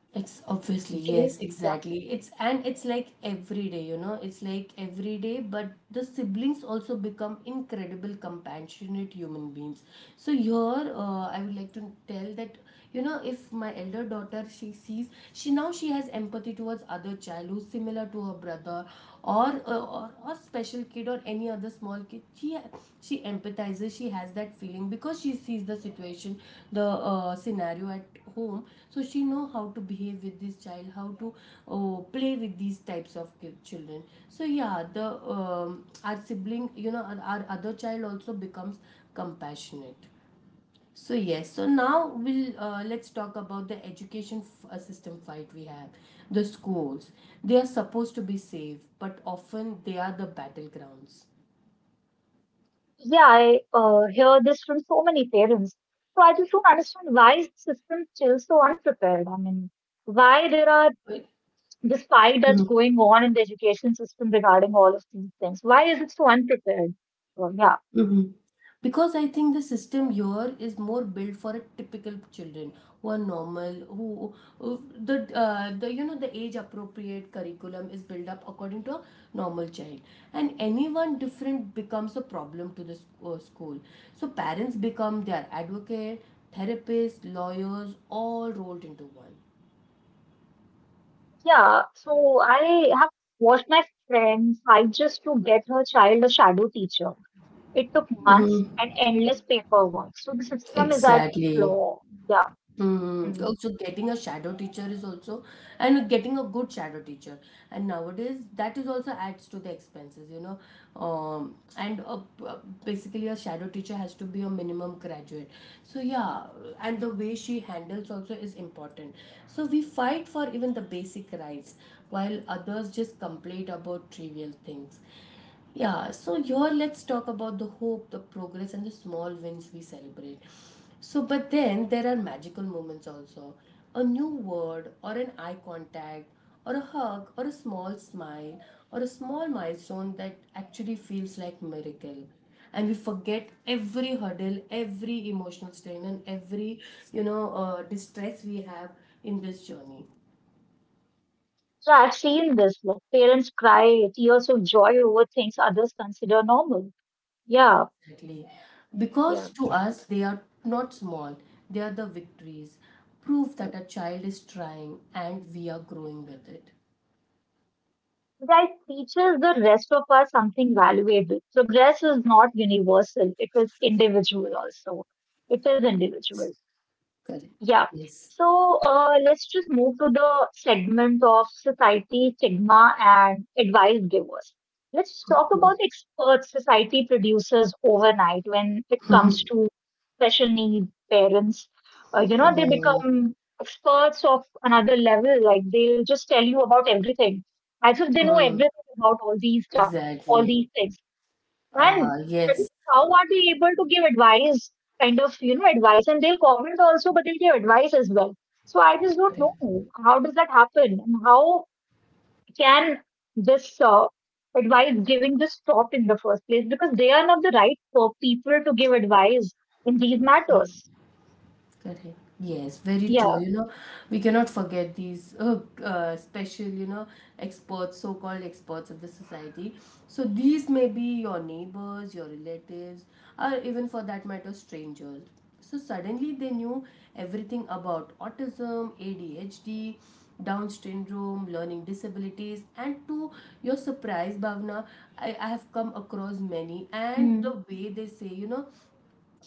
Speaker 1: It's obviously,
Speaker 2: Great.
Speaker 1: yes,
Speaker 2: Yeah.
Speaker 1: exactly. It's and it's like every day, it's like every day, but the siblings also become incredible, compassionate human beings. So, here, I would like to tell that, if my elder daughter, she sees, she now she has empathy towards other child who's similar to her brother, or or special kid or any other small kid. She empathizes, she has that feeling because she sees the situation, the scenario at home. So she know how to behave with this child, how to play with these types of children. So yeah, the our sibling, our other child also becomes compassionate. So yes, so now we'll let's talk about the education system fight we have. The schools, they are supposed to be safe, but often they are the battlegrounds.
Speaker 2: Yeah, I hear this from so many parents. So I just don't understand, why is the system still so unprepared? I mean, why there are
Speaker 1: Right.
Speaker 2: this fight that's going on in the education system regarding all of these things? Why is it so unprepared? Well, yeah.
Speaker 1: Mhm. Because I think the system here is more built for a typical children who are normal, who the the age appropriate curriculum is built up according to a normal child, and anyone different becomes a problem to the school. So parents become their advocate, therapists, lawyers, all rolled into one.
Speaker 2: Yeah. So I have watched my friend fight just to get her child a shadow teacher. It took
Speaker 1: Mhm.
Speaker 2: months and endless paperwork. So the system is at
Speaker 1: Exactly.
Speaker 2: flaw. Yeah.
Speaker 1: Hmm.
Speaker 2: Hmm.
Speaker 1: Also getting a shadow teacher is also, and getting a good shadow teacher, and nowadays that is also adds to the expenses, um and uh b- uh, basically a shadow teacher has to be a minimum graduate. So yeah, and the way she handles also is important. So we fight for even the basic rights, while others just complain about trivial things. Yeah, so here let's talk about the hope, the progress, and the small wins we celebrate. So, but then there are magical moments also. A new word, or an eye contact, or a hug, or a small smile, or a small milestone that actually feels like miracle. And we forget every hurdle, every emotional strain, and every distress we have in this journey.
Speaker 2: So I've seen this, like parents cry tears of joy over things others consider normal. Yeah,
Speaker 1: Exactly.
Speaker 2: yeah.
Speaker 1: Because to us, they are not small, they are the victories, proof that a child is trying and we are growing with it.
Speaker 2: That teaches the rest of us something valuable. Progress is not universal, it is individual also. It is individual.
Speaker 1: Correct.
Speaker 2: Yeah.
Speaker 1: Yes.
Speaker 2: So let's just move to the segment of society, stigma, and advice givers. Let's talk about experts society produces overnight when it comes to special need parents. You know, they
Speaker 1: Mm,
Speaker 2: become experts of another level. Like they'll just tell you about everything, as if they know
Speaker 1: mm,
Speaker 2: everything about all these stuff, all
Speaker 1: exactly.
Speaker 2: these things. And
Speaker 1: Yes,
Speaker 2: how are they able to give advice, kind of, you know, advice? And they'll comment also, but they'll give advice as well. So I just don't know
Speaker 1: correct.
Speaker 2: how does that happen, and how can this advice giving this stop in the first place, because they are not the right for people to give advice in these matters.
Speaker 1: Correct. Yes, very true.
Speaker 2: Yeah.
Speaker 1: You know, we cannot forget these special, experts, so called experts of the society. So these may be your neighbors, your relatives, or even for that matter, strangers. So suddenly they knew everything about autism, ADHD, Down syndrome, learning disabilities, and to your surprise, Bhavna, I have come across many. And the
Speaker 2: Mm,
Speaker 1: way they say, you know,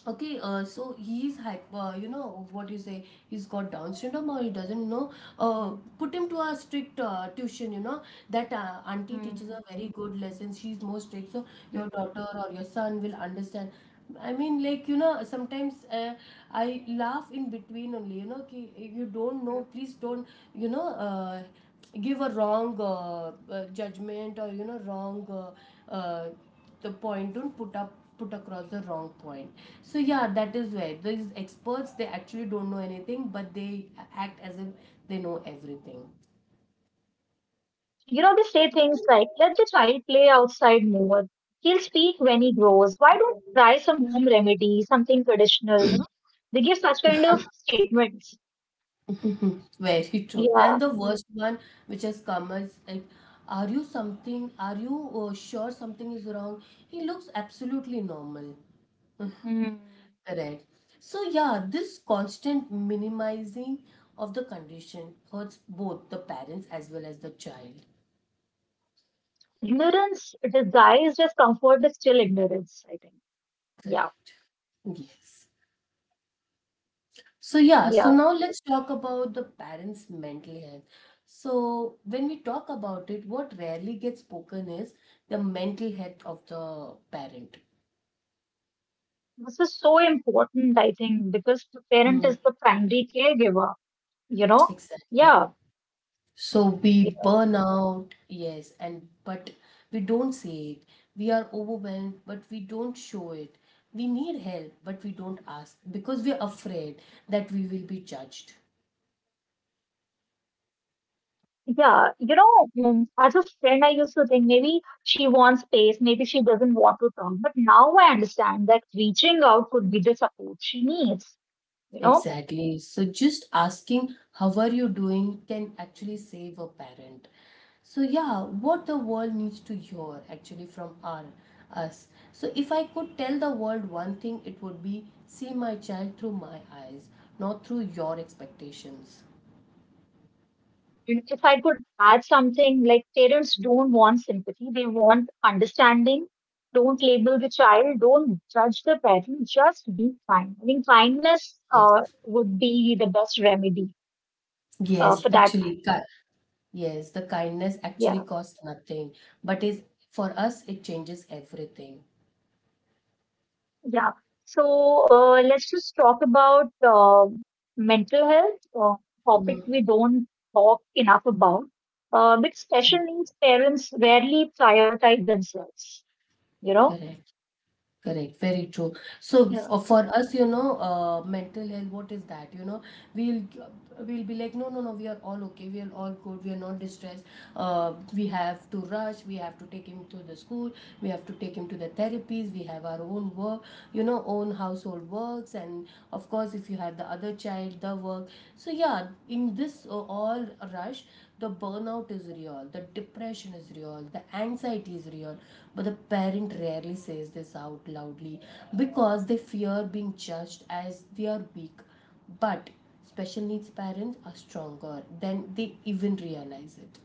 Speaker 1: okay, so he's hyper, you know, what do you say, he's got Down syndrome or he doesn't know. Uh,
Speaker 2: mm,
Speaker 1: Put him to a strict tuition, you know, that auntie teaches a very
Speaker 2: mm,
Speaker 1: good lesson, she's more strict, so your daughter
Speaker 2: mm,
Speaker 1: or your son will understand. I mean, like, you know, sometimes I laugh in between only, you know, ki, you don't know,
Speaker 2: mm.
Speaker 1: please don't, you know, uh, give a wrong judgment, or, you know, wrong. Uh, uh, the point, don't put up put across the wrong point. So yeah, that is where these experts, they actually don't know anything, but they act as if they know everything.
Speaker 2: You know, they say things like, let the child play outside more. He'll speak when he grows. Why don't you try some home remedy, something traditional, you know? They give such kind of statements.
Speaker 1: Very true, and
Speaker 2: Yeah.
Speaker 1: the worst one which has come is like, are you something, are you sure something is wrong? He looks absolutely normal.
Speaker 2: Hmm.
Speaker 1: Correct. So yeah, this constant minimizing of the condition hurts both the parents as well as the child.
Speaker 2: Ignorance disguised as comfort is still ignorance, I think. Yeah.
Speaker 1: Correct. Yes. So yeah, so
Speaker 2: Yeah.
Speaker 1: now let's talk about the parents' mental health. So when we talk about it, what rarely gets spoken is the mental health of the parent.
Speaker 2: This is so important, I think, because the parent
Speaker 1: Mm,
Speaker 2: is the primary caregiver, you know?
Speaker 1: exactly.
Speaker 2: Yeah.
Speaker 1: So we burn out, yes, and but we don't say it. We are overwhelmed, but we don't show it. We need help, but we don't ask because we're afraid that we will be judged.
Speaker 2: Yeah, you know, as a friend, I used to think maybe she wants space, maybe she doesn't want to talk. But now I understand that reaching out could be the support she needs, you know.
Speaker 1: Exactly. So just asking how are you doing can actually save a parent. So yeah, what the world needs to hear actually from our us. So if I could tell the world one thing, it would be see my child through my eyes, not through your expectations.
Speaker 2: And if I could add something, like parents don't want sympathy, they want understanding. Don't label the child, don't judge the parent, just be kind. I think kindness
Speaker 1: Yes.
Speaker 2: would be the best remedy
Speaker 1: Yes,
Speaker 2: for that matter.
Speaker 1: actually, yes, the kindness actually
Speaker 2: Yeah.
Speaker 1: costs nothing, but is, for us it changes everything.
Speaker 2: Yeah. So let's just talk about mental health, topic
Speaker 1: Mm,
Speaker 2: we don't talk enough about. But special needs parents rarely prioritize themselves. You know.
Speaker 1: correct. Correct, very true. So
Speaker 2: Yeah.
Speaker 1: for us, you know, mental health, what is that? You know, we'll we'll be like, no, no, no, we are all okay, we are all good, we are not distressed. We have to rush, we have to take him to the school, we have to take him to the therapies, we have our own work, you know, own household works, and of course, if you have the other child, the work. So yeah, in this all rush, the burnout is real, the depression is real, the anxiety is real, but the parent rarely says this out loudly because they fear being judged as they are weak. But special needs parents are stronger than they even realize it.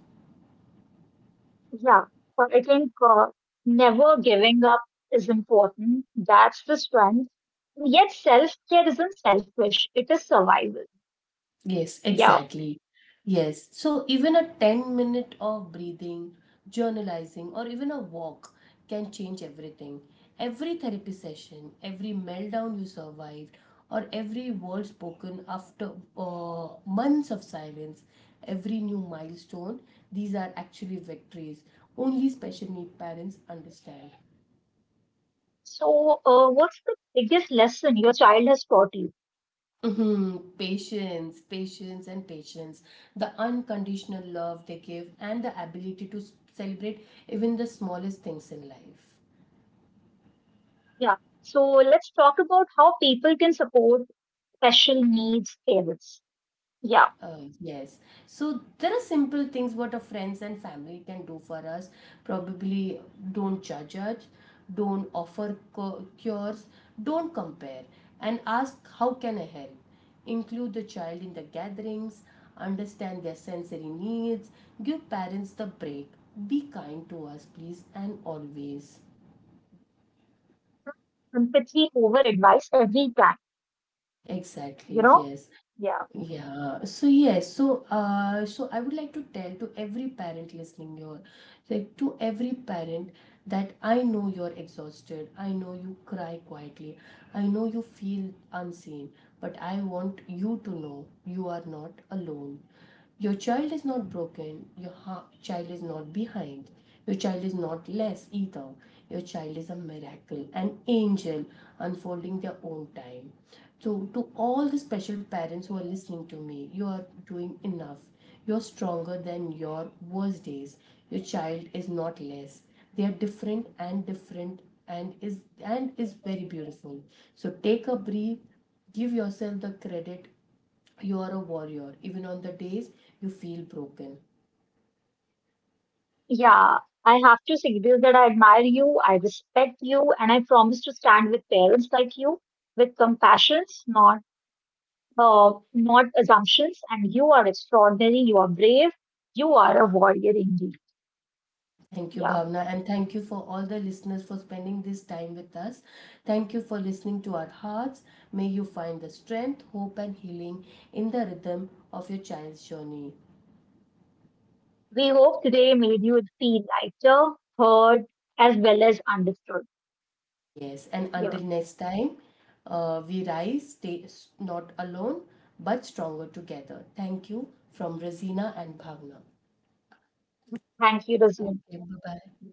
Speaker 2: Yeah. But I think never giving up is important. That's the strength. Yet self care isn't selfish. It is survival.
Speaker 1: Yes,
Speaker 2: Yeah.
Speaker 1: exactly. Yes. So even a 10 minute of breathing, journalizing, or even a walk can change everything. Every therapy session, every meltdown you survived, or every word spoken after months of silence, every new milestone, these are actually victories. Only special need parents understand.
Speaker 2: So what's the biggest lesson your child has taught you?
Speaker 1: Mhm. Patience, patience, and patience. The unconditional love they give and the ability to celebrate even the smallest things in life.
Speaker 2: Yeah. So let's talk about how people can support special needs parents. Yeah.
Speaker 1: Yes. So there are simple things what our friends and family can do for us. Probably don't judge us, don't offer cures, don't compare, and ask how can I help. Include the child in the gatherings, understand their sensory needs, give parents the break. Be kind to us, please, and always.
Speaker 2: Empathy over advice every time, you
Speaker 1: Exactly,
Speaker 2: know?
Speaker 1: yes.
Speaker 2: Yeah.
Speaker 1: Yeah, so yes, so so I would like to tell to every parent listening here, like to every parent, that I know you're exhausted, I know you cry quietly, I know you feel unseen, but I want you to know you are not alone. Your child is not broken. Your child is not behind. Your child is not less either. Your child is a miracle, an angel unfolding their own time. So, to all the special parents who are listening to me, you are doing enough. You're stronger than your worst days. Your child is not less. They are different, and is very beautiful. So take a breath, give yourself the credit, you are a warrior, even on the days you feel broken.
Speaker 2: Yeah. I have to say this, that I admire you, I respect you, and I promise to stand with parents like you with compassions, not not assumptions. And you are extraordinary, you are brave, you are a warrior indeed.
Speaker 1: Thank you,
Speaker 2: Yeah.
Speaker 1: Bhavna, and thank you for all the listeners for spending this time with us. Thank you for listening to our hearts. May you find the strength, hope, and healing in the rhythm of your child's journey.
Speaker 2: We hope today made you feel lighter, heard, as well as understood.
Speaker 1: Yes, and
Speaker 2: Yeah.
Speaker 1: until next time, we rise, stay not alone, but stronger together. Thank you from Razina and Bhavna.
Speaker 2: Thank you, Rosina.
Speaker 1: Okay, bye bye.